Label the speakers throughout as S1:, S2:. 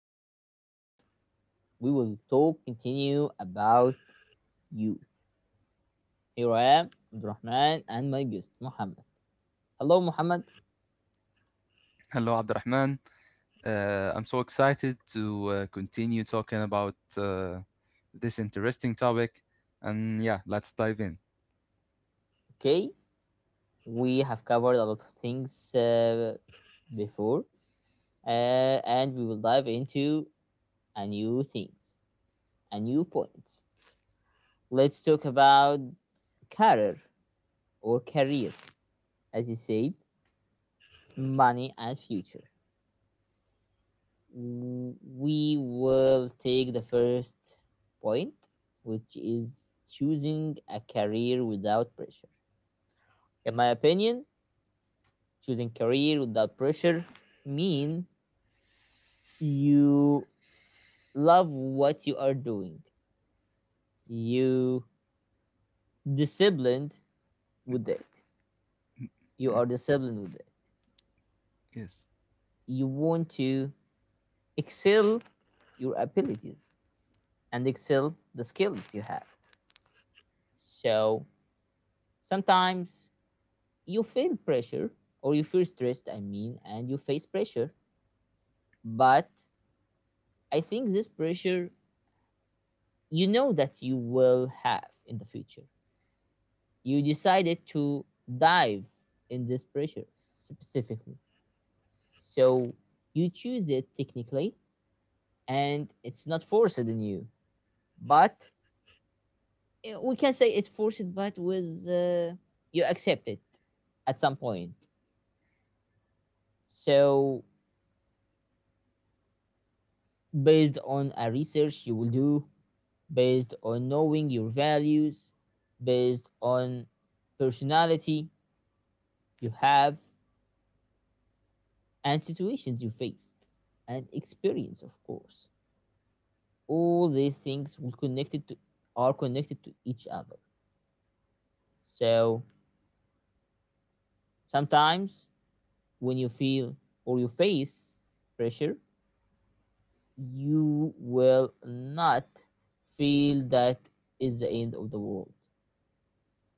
S1: our episode. We will talk continue about youth. Here I am, Abdurrahman, and my guest Muhammad. Hello, Muhammad.
S2: Hello, Abdurrahman. I'm so excited to continue talking about this interesting topic. And yeah, let's dive in.
S1: Okay, we have covered a lot of things before, and we will dive into a new things, a new points. Let's talk about career or career, as you said, money and future. We will take the first point, which is choosing a career without pressure. In my opinion, choosing career without pressure mean you love what you are doing. You disciplined with it. You
S2: Mm,
S1: are disciplined with it.
S2: yes.
S1: You want to excel your abilities and excel the skills you have. So sometimes you feel pressure or you feel stressed, I mean, and you face pressure. But I think this pressure, you know that you will have in the future. You decided to dive in this pressure specifically. So you choose it technically, and it's not forced in you. But we can say it's forced, but with you accept it at some point. So based on a research you will do, based on knowing your values, based on personality you have, and situations you faced, and experience, of course. All these things will connected to are connected to each other. So sometimes when you feel or you face pressure, you will not feel that is the end of the world.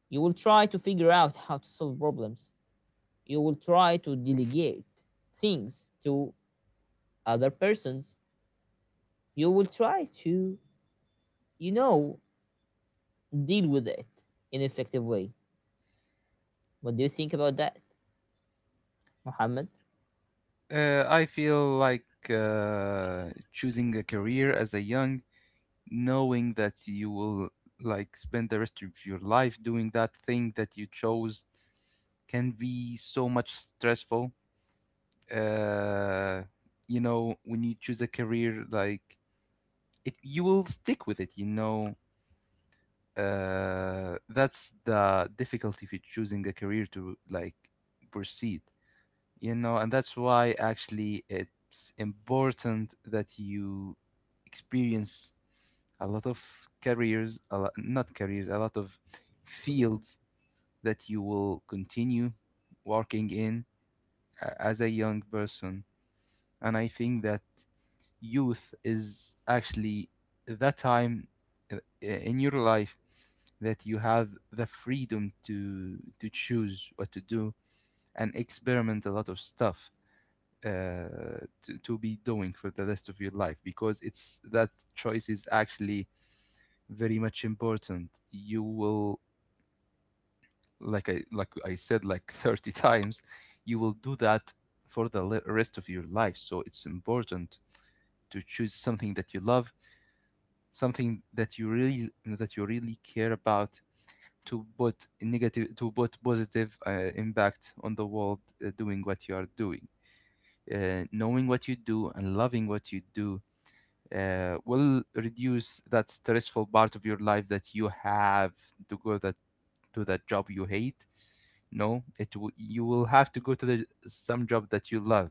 S1: You will try to figure out how to solve problems. You will try to delegate things to other persons. You will try to, you know, deal with it in an effective way. What do you think about that, Mohammed?
S2: I feel like choosing a career as a young, knowing that you will like spend the rest of your life doing that thing that you chose, can be so much stressful. Uh, when you choose a career, like it, you will stick with it. That's the difficulty with choosing a career to like proceed, and that's why actually it's important that you experience a lot of careers, a lot, not careers, a lot of fields that you will continue working in as a young person. And I think that youth is actually that time, uh, in your life, that you have the freedom to choose what to do and experiment a lot of stuff, to be doing for the rest of your life, because it's that choice is actually very much important. You will like I said, like 30 times, you will do that for the rest of your life, so it's important to choose something that you love, something that you really care about, to put negative to put positive impact on the world, doing what you are doing. Knowing what you do and loving what you do will reduce that stressful part of your life, that you have to go that to that job you hate. No, it will, you will have to go to the some job that you love.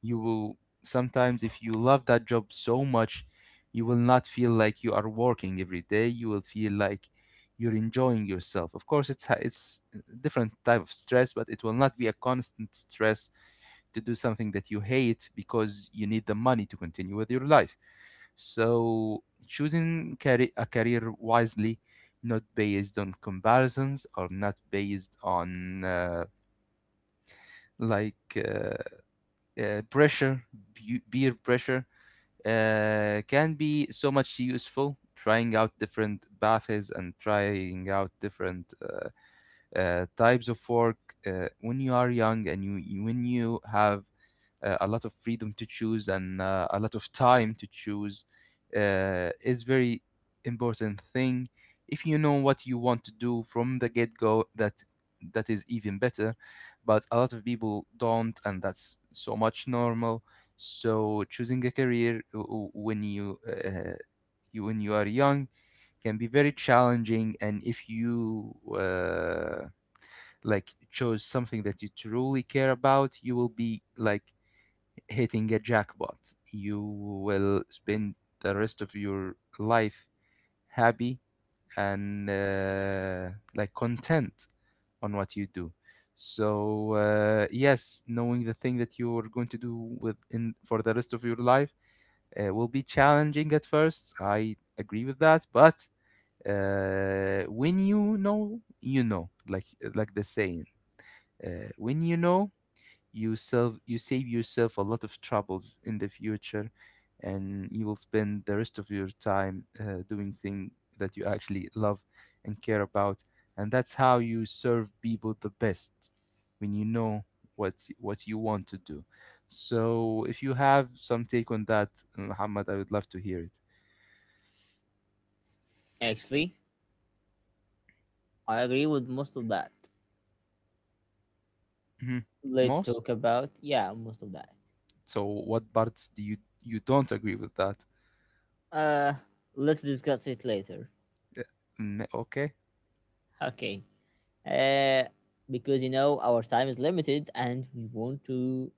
S2: You will sometimes, if you love that job so much, you will not feel like you are working every day. You will feel like you're enjoying yourself. Of course it's it's a different type of stress, but it will not be a constant stress to do something that you hate because you need the money to continue with your life. So choosing a career wisely, not based on comparisons or not based on like uh, pressure, beer pressure, can be so much useful. Trying out different baths and trying out different types of work when you are young and when you have a lot of freedom to choose and a lot of time to choose is very important thing. If you know what you want to do from the get-go, that is even better, but a lot of people don't, and that's so much normal. So choosing a career, when you, you, when you are young, can be very challenging, and if you like chose something that you truly care about, you will be like hitting a jackpot. You will spend the rest of your life happy and like content on what you do. So yes, knowing the thing that you are going to do with in for the rest of your life will be challenging at first. I agree with that, but when you know, like the saying, when you know, you save yourself a lot of troubles in the future, and you will spend the rest of your time doing things that you actually love and care about, and that's how you serve people the best, when you know what you want to do. So, if you have some take on that, Muhammad, I would love to hear it.
S1: Actually, I agree with most of that.
S2: Mhm.
S1: Let's talk
S2: Most.
S1: about yeah, most of that.
S2: So, what parts do you don't agree with that?
S1: Uh, let's discuss it later.
S2: Uh, Mm, okay.
S1: Okay. Uh, because you know our time is limited and we want to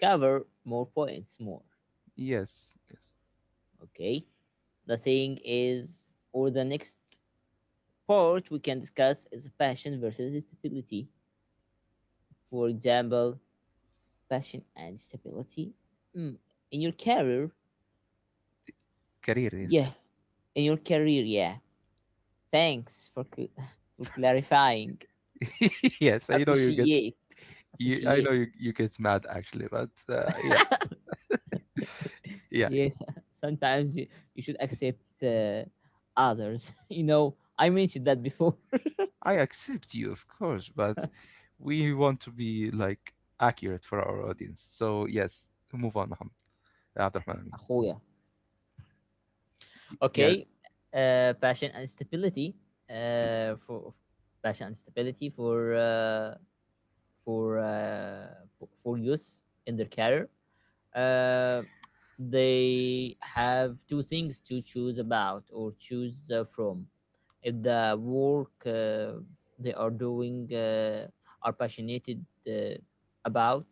S1: cover more points more.
S2: Yes. Yes.
S1: Okay. The thing is, or the next part we can discuss is passion versus stability. For example, passion and stability mm, in your career.
S2: Career. Yes.
S1: Yeah, in your career. Yeah. Thanks for for clarifying.
S2: Yes, I know
S1: Appreciate.
S2: I know
S1: Appreciate.
S2: you get mad actually, but yeah, yeah,
S1: Yes. Sometimes you should accept others. You know, I mentioned that before.
S2: I accept you, of course, but we want to be like accurate for our audience. So yes, move on, Mohammed. Abdurrahman Amin.
S1: أخويا.
S2: Yeah,
S1: Okay, passion and stability.
S2: it's
S1: For passion and stability for p- for youth in their career. Uh, they have two things to choose about or choose from. If the work they are doing are passionate uh, about,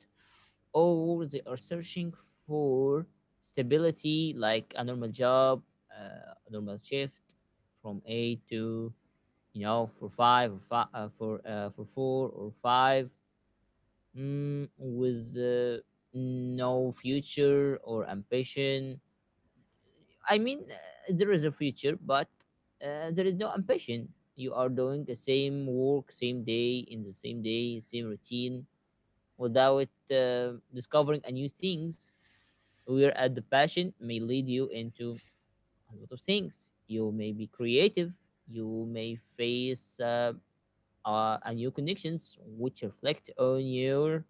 S1: or they are searching for stability like a normal job, a normal shift from eight to for five or five for four or five, with no future or ambition. I mean, there is a future, but there is no ambition. You are doing the same work same day in the same day same routine without discovering a new things, whereas the passion may lead you into a lot of things. You may be creative, you may face new connections which reflect on your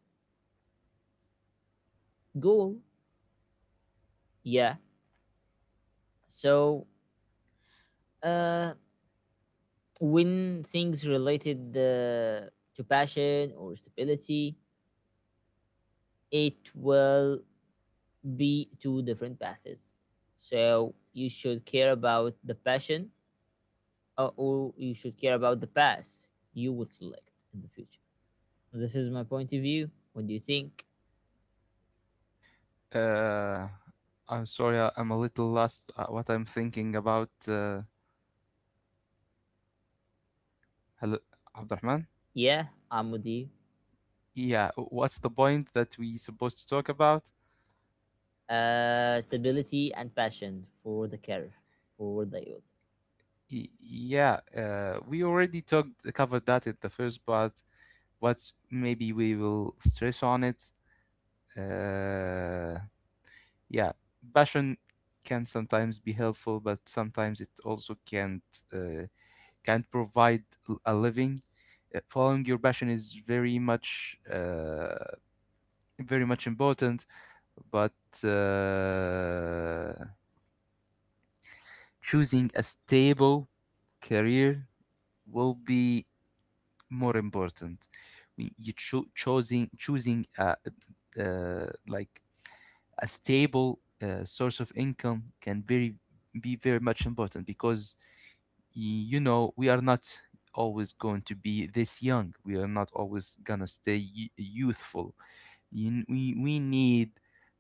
S1: goal. Yeah. So uh, when things related to passion or stability, it will be two different paths. So you should care about the passion, or you should care about the path you would select in the future. So this is my point of view. What do you think?
S2: uh, I'm sorry, I'm a little lost. What I'm thinking about, hello, Abdurrahman.
S1: Yeah, I'm with you.
S2: Yeah, what's the point that we supposed to talk about?
S1: Stability and passion for the career, for the youth.
S2: Yeah, we already talked covered that in the first part. What maybe we will stress on it. Uh, yeah, passion can sometimes be helpful, but sometimes it also uh, can't provide a living. Following your passion is very much very much important, but uh, choosing a stable career will be more important. You choosing uh, like a stable source of income can very be very much important, because you know we are not always going to be this young, we are not always gonna stay youthful. We need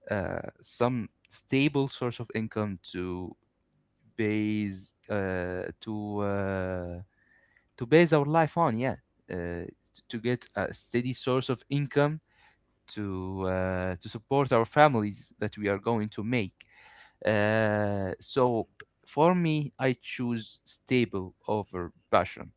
S2: some stable source of income base uh, to uh, to base our life on, yeah. uh, to get a steady source of income to to support our families that we are going to make, so for me, I choose stable over passion.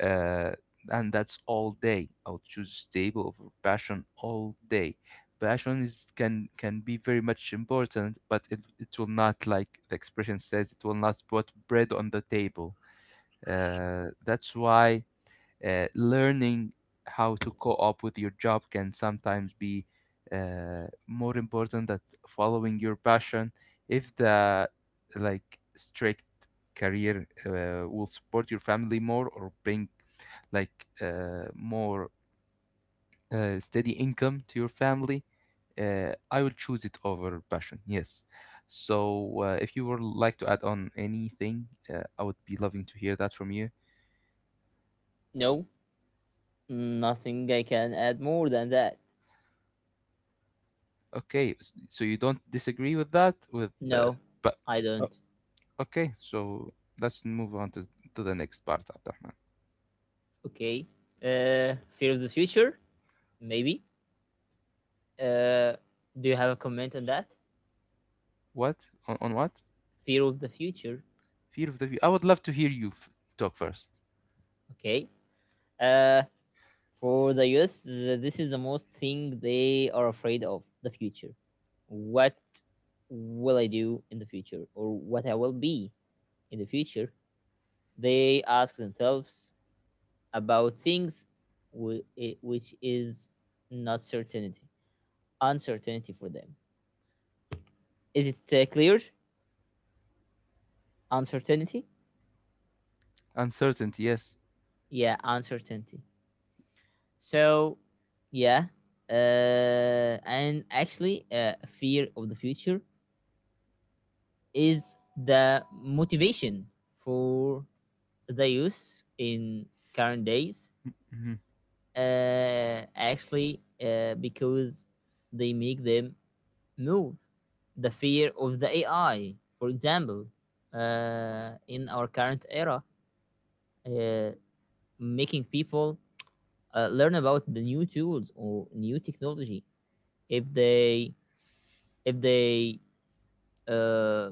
S2: Uh, and that's all day. I'll choose stable over passion all day. Passion is can be very much important, but it will not, like the expression says, it will not put bread on the table. That's why learning how to co-op with your job can sometimes be more important than following your passion, if the, like, strict career will support your family more or bring more, steady income to your family. I will choose it over passion, yes. So if you would like to add on anything, I would be loving to hear that from you.
S1: No, nothing I can add more than that.
S2: Okay, so you don't disagree with that? With
S1: No,
S2: but
S1: I
S2: o
S1: don't.
S2: okay, so let's move on to the next part, Abdurrahman.
S1: Okay. Fear of the future, maybe. Uh, do you have a comment on that?
S2: What on what?
S1: Fear of the future.
S2: Fear of the view. I would love to hear you f talk first.
S1: Okay. Uh, For the us, this is the most thing they are afraid of the future. What will I do in the future, or what I will be in the future? They ask themselves about things which is not certainty, uncertainty for them. Is it clear? Uncertainty?
S2: Uncertainty, yes.
S1: Yeah, uncertainty. So, yeah. And actually, fear of the future is the motivation for the youth in current days,
S2: Hmm.
S1: actually, because they make them move. The fear of the AI, for example, in our current era, uh, making people learn about the new tools or new technology. if they if they uh,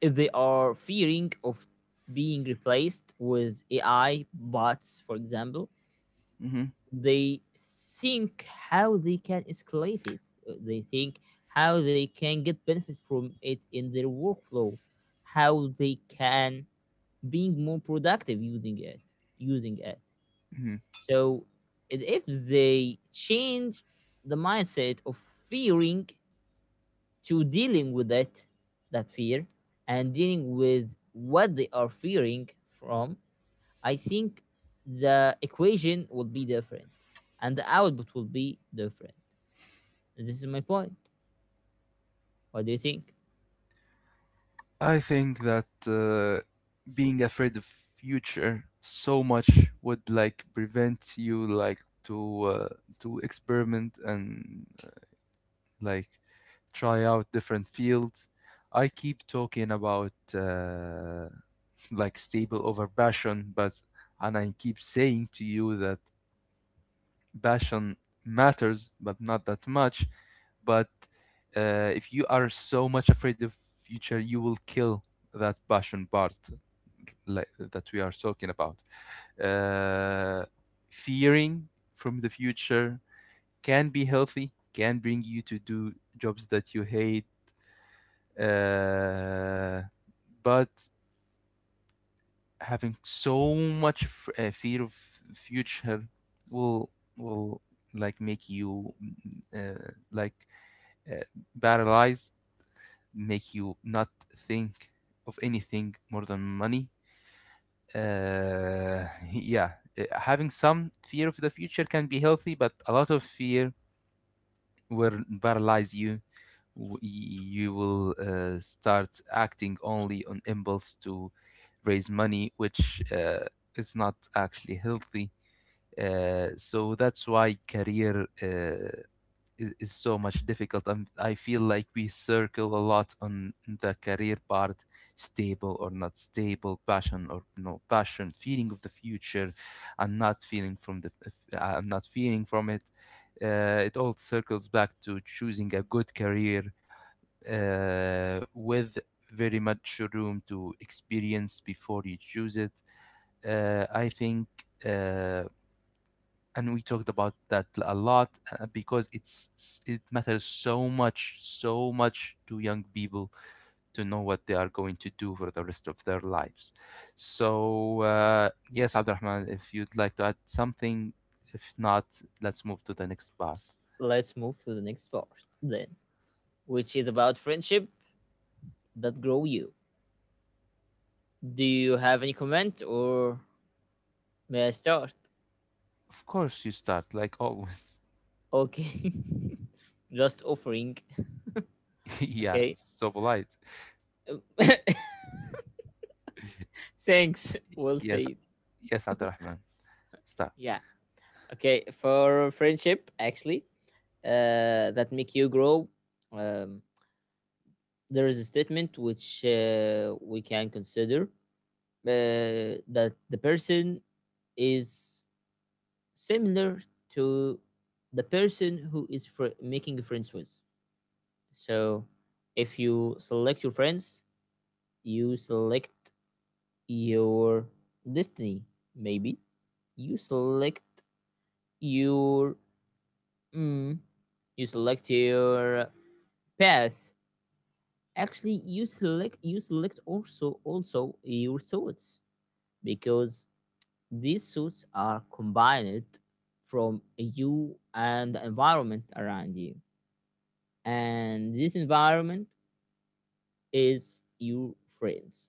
S1: if they are fearing of being replaced with AI bots, for example,
S2: Hmm.
S1: they think how they can escalate it. They think how they can get benefit from it in their workflow, how they can being more productive using it.
S2: Hmm.
S1: So if they change the mindset of fearing to dealing with it, that fear, and dealing with what they are fearing from, I think the equation will be different and the output will be different. This is my point. What do you think?
S2: I think that uh, being afraid of future so much would like prevent you, like, to uh, to experiment and like try out different fields. I keep talking about, like stable over passion, but and I keep saying to you that passion matters, but not that much. But if you are so much afraid of future, you will kill that passion part, like, that we are talking about. Uh, Fearing from the future can be healthy, can bring you to do jobs that you hate, uh, but having so much fear of future will will like make you, uh, paralyzed, make you not think of anything more than money, uh, yeah. Having some fear of the future can be healthy, but a lot of fear will paralyze you. You will start acting only on impulse to raise money, which is not actually healthy. So that's why career is so much difficult. I feel like we circle a lot on the career part, stable or not stable, passion or no passion, feeling of the future, and not feeling from the, I'm not feeling from it. It all circles back to choosing a good career with very much room to experience before you choose it. I think, uh, and we talked about that a lot, because it matters so much, so much, to young people, to know what they are going to do for the rest of their lives. So yes, Abdurrahman, if you'd like to add something, if not, let's move to the next part.
S1: Let's move to the next part then, which is about friendship that grow you. Do you have any comment, or may I start?
S2: Of course you start, like always.
S1: Okay. Just offering.
S2: Yeah,
S1: Okay.
S2: so polite.
S1: Thanks. We'll say
S2: Yes,
S1: it.
S2: yes, Abdurrahman, start.
S1: Yeah. Okay, for friendship, actually, that make you grow. Um, there is a statement which, we can consider that the person is similar to the person who is making friends with. So, if you select your friends, you select your destiny. Maybe you select your mm, your path. Actually, you select also your thoughts, because these thoughts are combined from you and the environment around you, and this environment is your friends.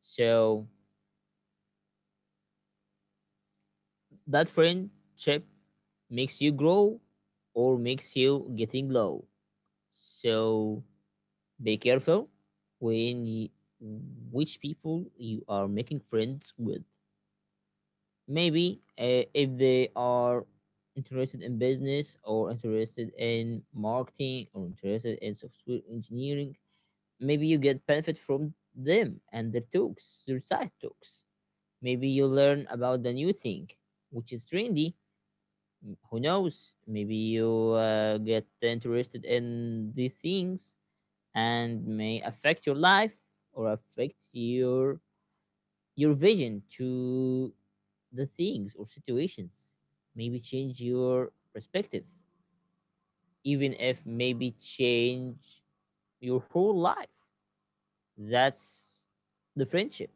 S1: So that friendship makes you grow, or makes you getting low. So be careful when you, which people you are making friends with. Maybe if they are interested in business, or interested in marketing, or interested in software engineering, maybe you get benefit from them and their talks, their side talks. Maybe you learn about the new thing, which is trendy. Who knows? Maybe you get interested in these things, and may affect your life, or affect your vision to the things or situations. Maybe change your perspective, even if maybe change your whole life. That's the friendship,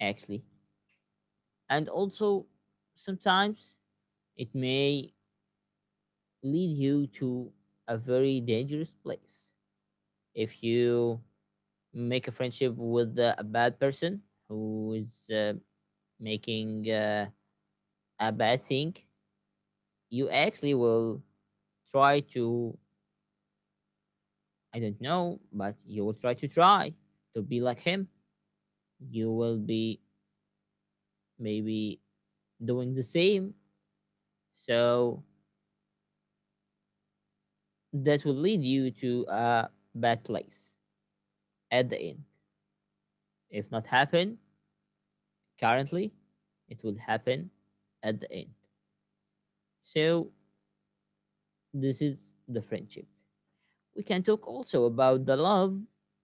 S1: actually. And also sometimes it may lead you to a very dangerous place, if you make a friendship with a bad person, who is making a bad thing. You actually will try to I don't know, but you will try to be like him. You will be maybe doing the same. So that will lead you to a bad place at the end. If not happen currently, it will happen at the end. So this is the friendship. We can talk also about the love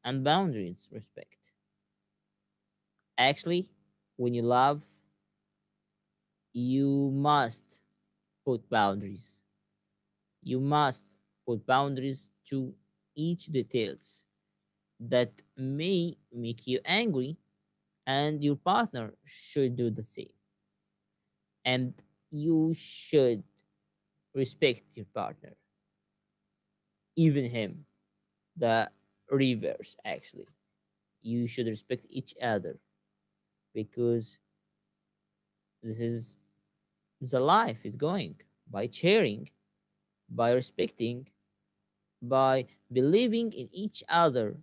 S1: and boundaries respect. Actually, when you love, you must put boundaries. You must put boundaries to each details that may make you angry, and your partner should do the same. And you should respect your partner, even him. The reverse, actually. You should respect each other, because this is the life is going by sharing, by respecting, by believing in each other,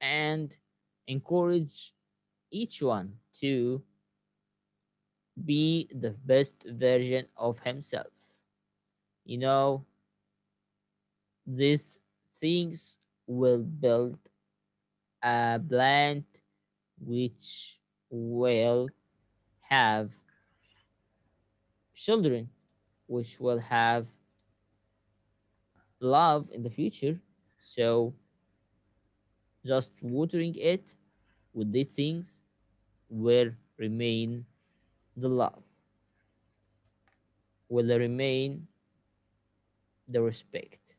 S1: and encourage each one to be the best version of himself. You know, these things will build a plant which will have children, which will have love in the future. So, just watering it with these things will remain the love, will remain the respect.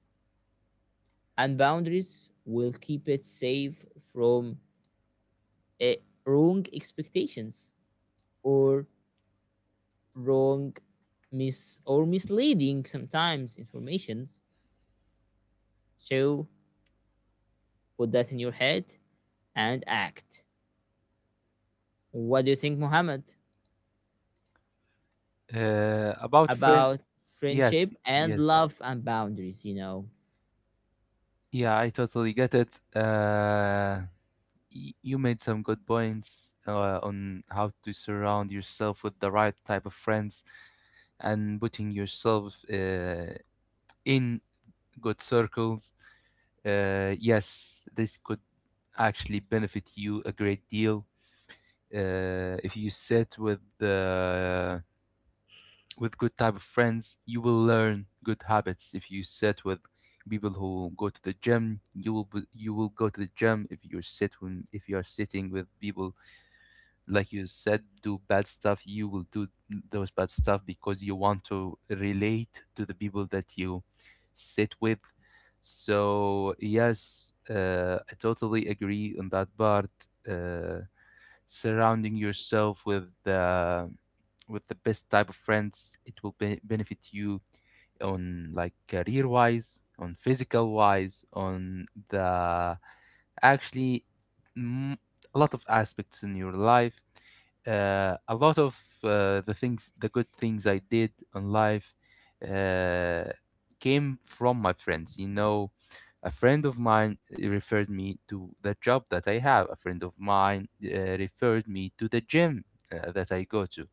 S1: And boundaries will keep it safe from eh, wrong expectations, or wrong misleading sometimes informations. So put that in your head and act. What do you think, Mohammed,
S2: Uh, about friend,
S1: about
S2: yes,
S1: friendship and
S2: yes.
S1: love and boundaries, you know?
S2: Yeah, I totally get it. You made some good points on how to surround yourself with the right type of friends and putting yourself in good circles. Yes, this could actually benefit you a great deal. If you sit with the with good type of friends, you will learn good habits. If you sit with people who go to the gym, you will be, you will go to the gym. If you sit when if you are sitting with people like you said, do bad stuff, you will do those bad stuff because you want to relate to the people that you sit with. So, yes, I totally agree on that part. Uh, Surrounding yourself with the best type of friends, it will benefit you on like career wise, on physical wise, on the actually a lot of aspects in your life. A lot of the things, the good things I did in life, uh, came from my friends. You know, a friend of mine referred me to the job that I have. A friend of mine referred me to the gym that I go to.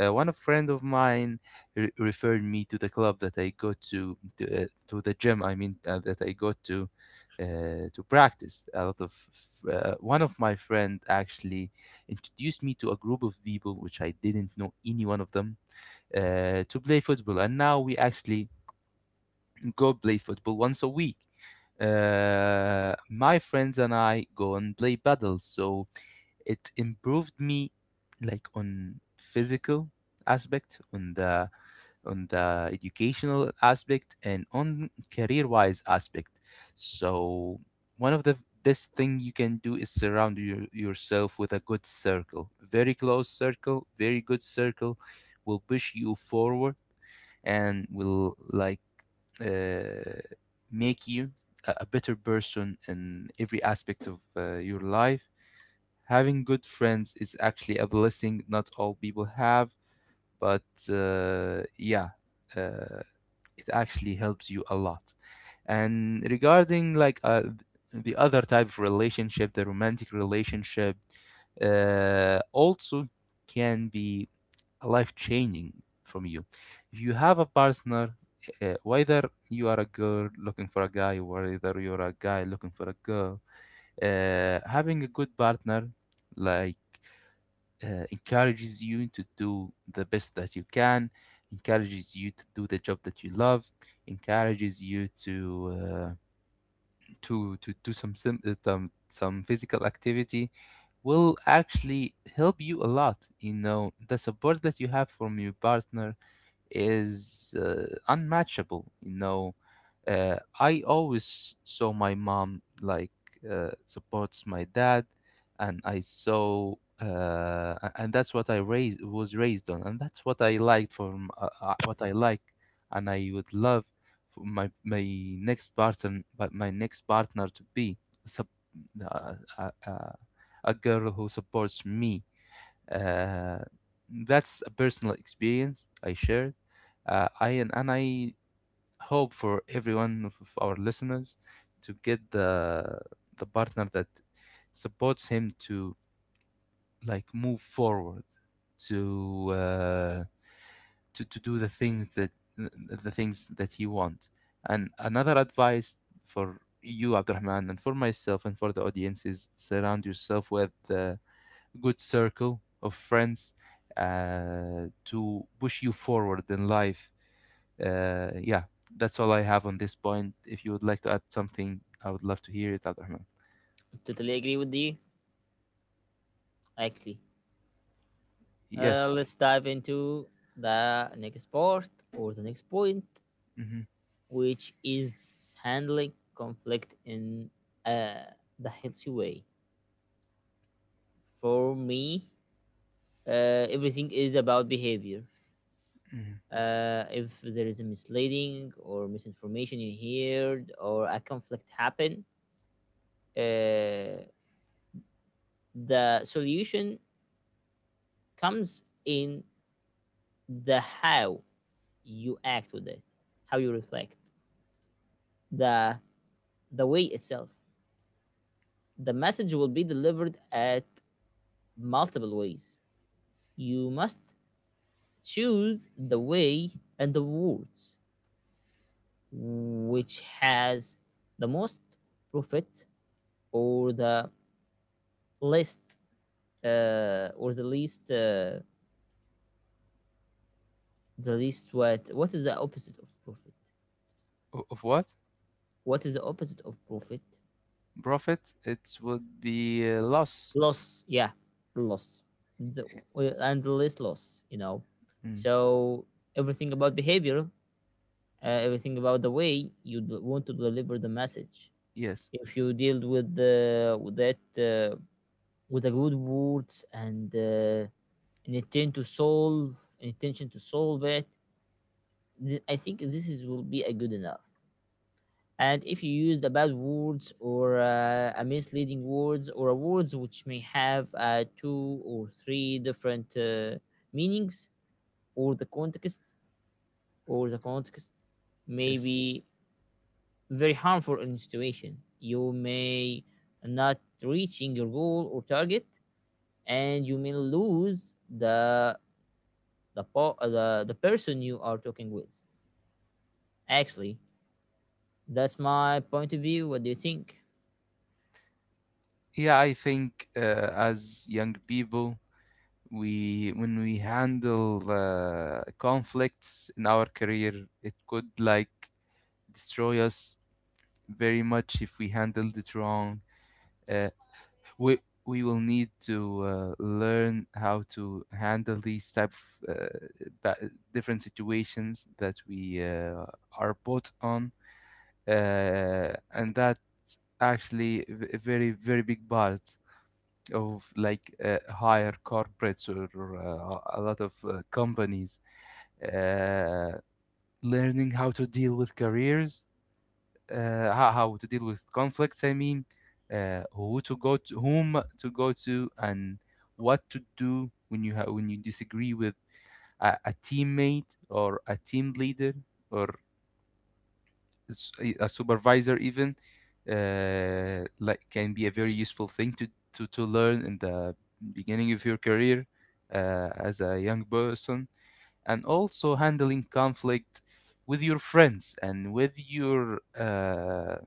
S2: One of friend of mine referred me to the club that I go to to the gym. That I go to practice. A lot of One of my friend actually introduced me to a group of people which I didn't know any one of them, to play football, and now we actually go play football once a week. My friends and I go and play paddle, so it improved me like on physical aspect, on the educational aspect, and on career wise aspect. So one of the best thing you can do is surround yourself with a good circle, very close circle, very good circle, will push you forward and will like uh, make you a better person in every aspect of your life. Having good friends is actually a blessing not all people have, but yeah, uh, it actually helps you a lot. And regarding like the other type of relationship, the romantic relationship, also can be life changing from you. If you have a partner, whether you are a girl looking for a guy or whether you're a guy looking for a girl, having a good partner, like encourages you to do the best that you can, encourages you to do the job that you love, encourages you to do some sim- some physical activity, will actually help you a lot. You know, the support that you have from your partner is unmatchable, I always saw my mom like supports my dad. And I saw and that's what I raised was raised on, and that's what I liked from what I like. And I would love for my next partner, but my next partner to be sup- uh, uh, uh, a girl who supports me. uh, that's a personal experience I shared. And I hope for everyone of our listeners to get the partner that supports him to like move forward to do the things that he wants. And another advice for you, Abdurrahman, and for myself and for the audience, is surround yourself with good circle of friends to push you forward in life. Yeah, that's all I have on this point. If you would like to add something, I would love to hear it, Abdurrahman.
S1: Totally agree with you, actually.
S2: Yes.
S1: Let's dive into the next part, or the next point,
S2: Hmm.
S1: which is handling conflict in uh, the healthy way. For me, everything is about behavior.
S2: Hmm.
S1: If there is a misleading or misinformation you heard, or a conflict happen, uh, the solution comes in the how you act with it, how you reflect, the the way itself. The message will be delivered at multiple ways. You must choose the way and the words which has the most profit, or the least least, the least what is the opposite of profit?
S2: O- Of what?
S1: What is the opposite of profit?
S2: Profit? It would be a loss.
S1: Loss, yeah, loss, the, and the least loss, you know.
S2: Mm.
S1: So everything about behavior. Everything about the way you want to deliver the message.
S2: Yes.
S1: If you deal with the with that, uh, with a good words, and an intent to solve an intention to solve it, I think this is will be a good enough. And if you use the bad words, or a misleading words, or a words which may have two or three different meanings, or the context may
S2: Yes.
S1: be very harmful in situation, you may not reaching your goal or target, and you may lose the person you are talking with. Actually, that's my point of view. What do you think,
S2: Yeah, I think, as young people, we when we handle conflicts in our career, it could like destroy us very much if we handled it wrong. Uh, we we will need to learn how to handle these type of different situations that we are put on, and that actually a very very big part of like higher corporates or a lot of companies, uh, learning how to deal with careers, how to deal with conflicts, I mean, whom to go to, and what to do when when you disagree with a teammate or a team leader or a supervisor even, like can be a very useful thing to learn in the beginning of your career, as a young person. And also, handling conflict with your friends and with your uh,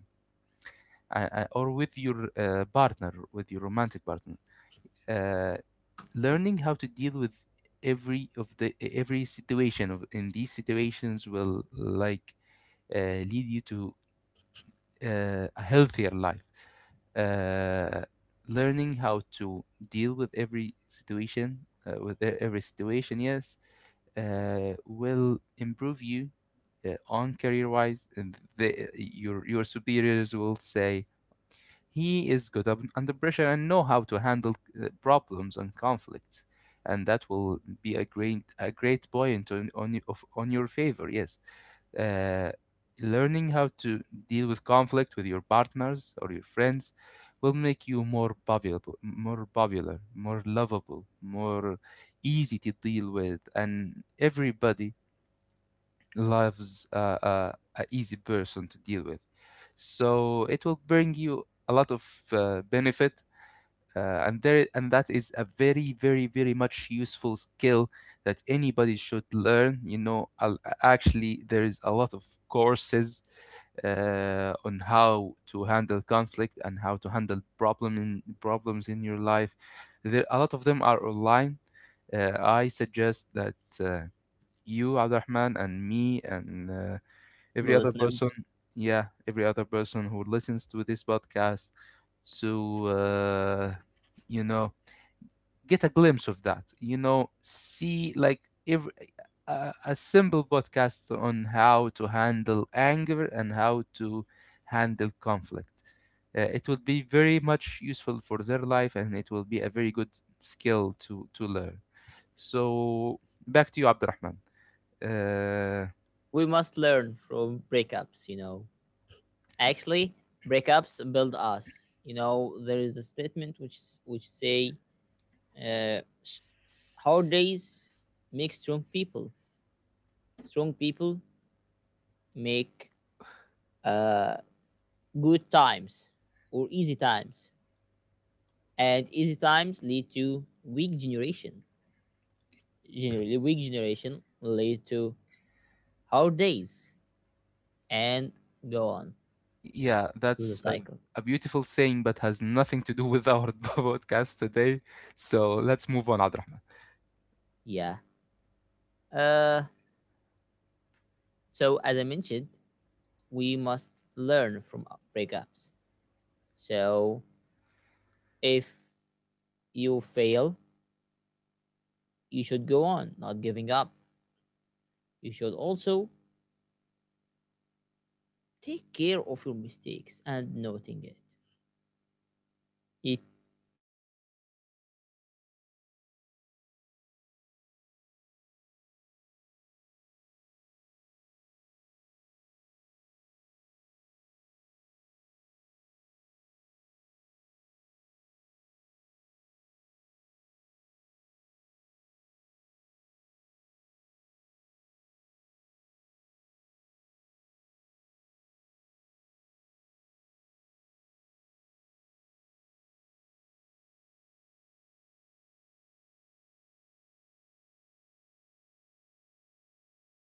S2: uh, uh, or with your uh, partner, with your romantic partner. Uh, Learning how to deal with every situation of in these situations will like lead you to a healthier life. Uh, Learning how to deal with every situation, every situation, yes, will improve you on career wise, and your superiors will say he is good up under pressure and know how to handle problems and conflicts. And that will be a great point on your favor. Yes, uh, learning how to deal with conflict with your partners or your friends will make you more valuable, more popular, more lovable, more easy to deal with, and everybody loves a easy person to deal with. So it will bring you a lot of benefit, and that is a very, very, very much useful skill that anybody should learn. You know, actually, there is a lot of courses on how to handle conflict and how to handle problems in your life. There, a lot of them are online. I suggest that. You, Abdurrahman, and me, and
S1: the
S2: every other person.
S1: listeners?
S2: Yeah, every other person who listens to this podcast to, you know, get a glimpse of that. You know, see like every, a simple podcast on how to handle anger and how to handle conflict. It will be very much useful for their life, and it will be a very good skill to learn. So, back to you, Abdurrahman. Uh,
S1: We must learn from breakups. Actually, breakups build us. There is a statement which say, uh, hard days make strong people. Strong people make uh, good times or easy times, and easy times lead to weak generation. Generally, weak generation lead to hard days, and go on
S2: Yeah,
S1: through the cycle.
S2: a beautiful saying, but has nothing to do with our podcast today. So let's move on, Abdurrahman.
S1: Yeah. Uh, so as I mentioned, we must learn from breakups. So if you fail, you should go on, not giving up. You should also take care of your mistakes and noting it. It will be noticeable for you, remarkable
S2: Yes, Abdurrahman.
S1: for not doing the same mistake again, for achieving your goal and accomplish your tasks and accomplish your tasks and accomplish your tasks very fast. You know, this will lead you to handle things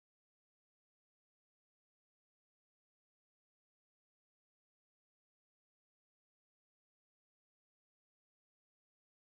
S1: fast as possible. So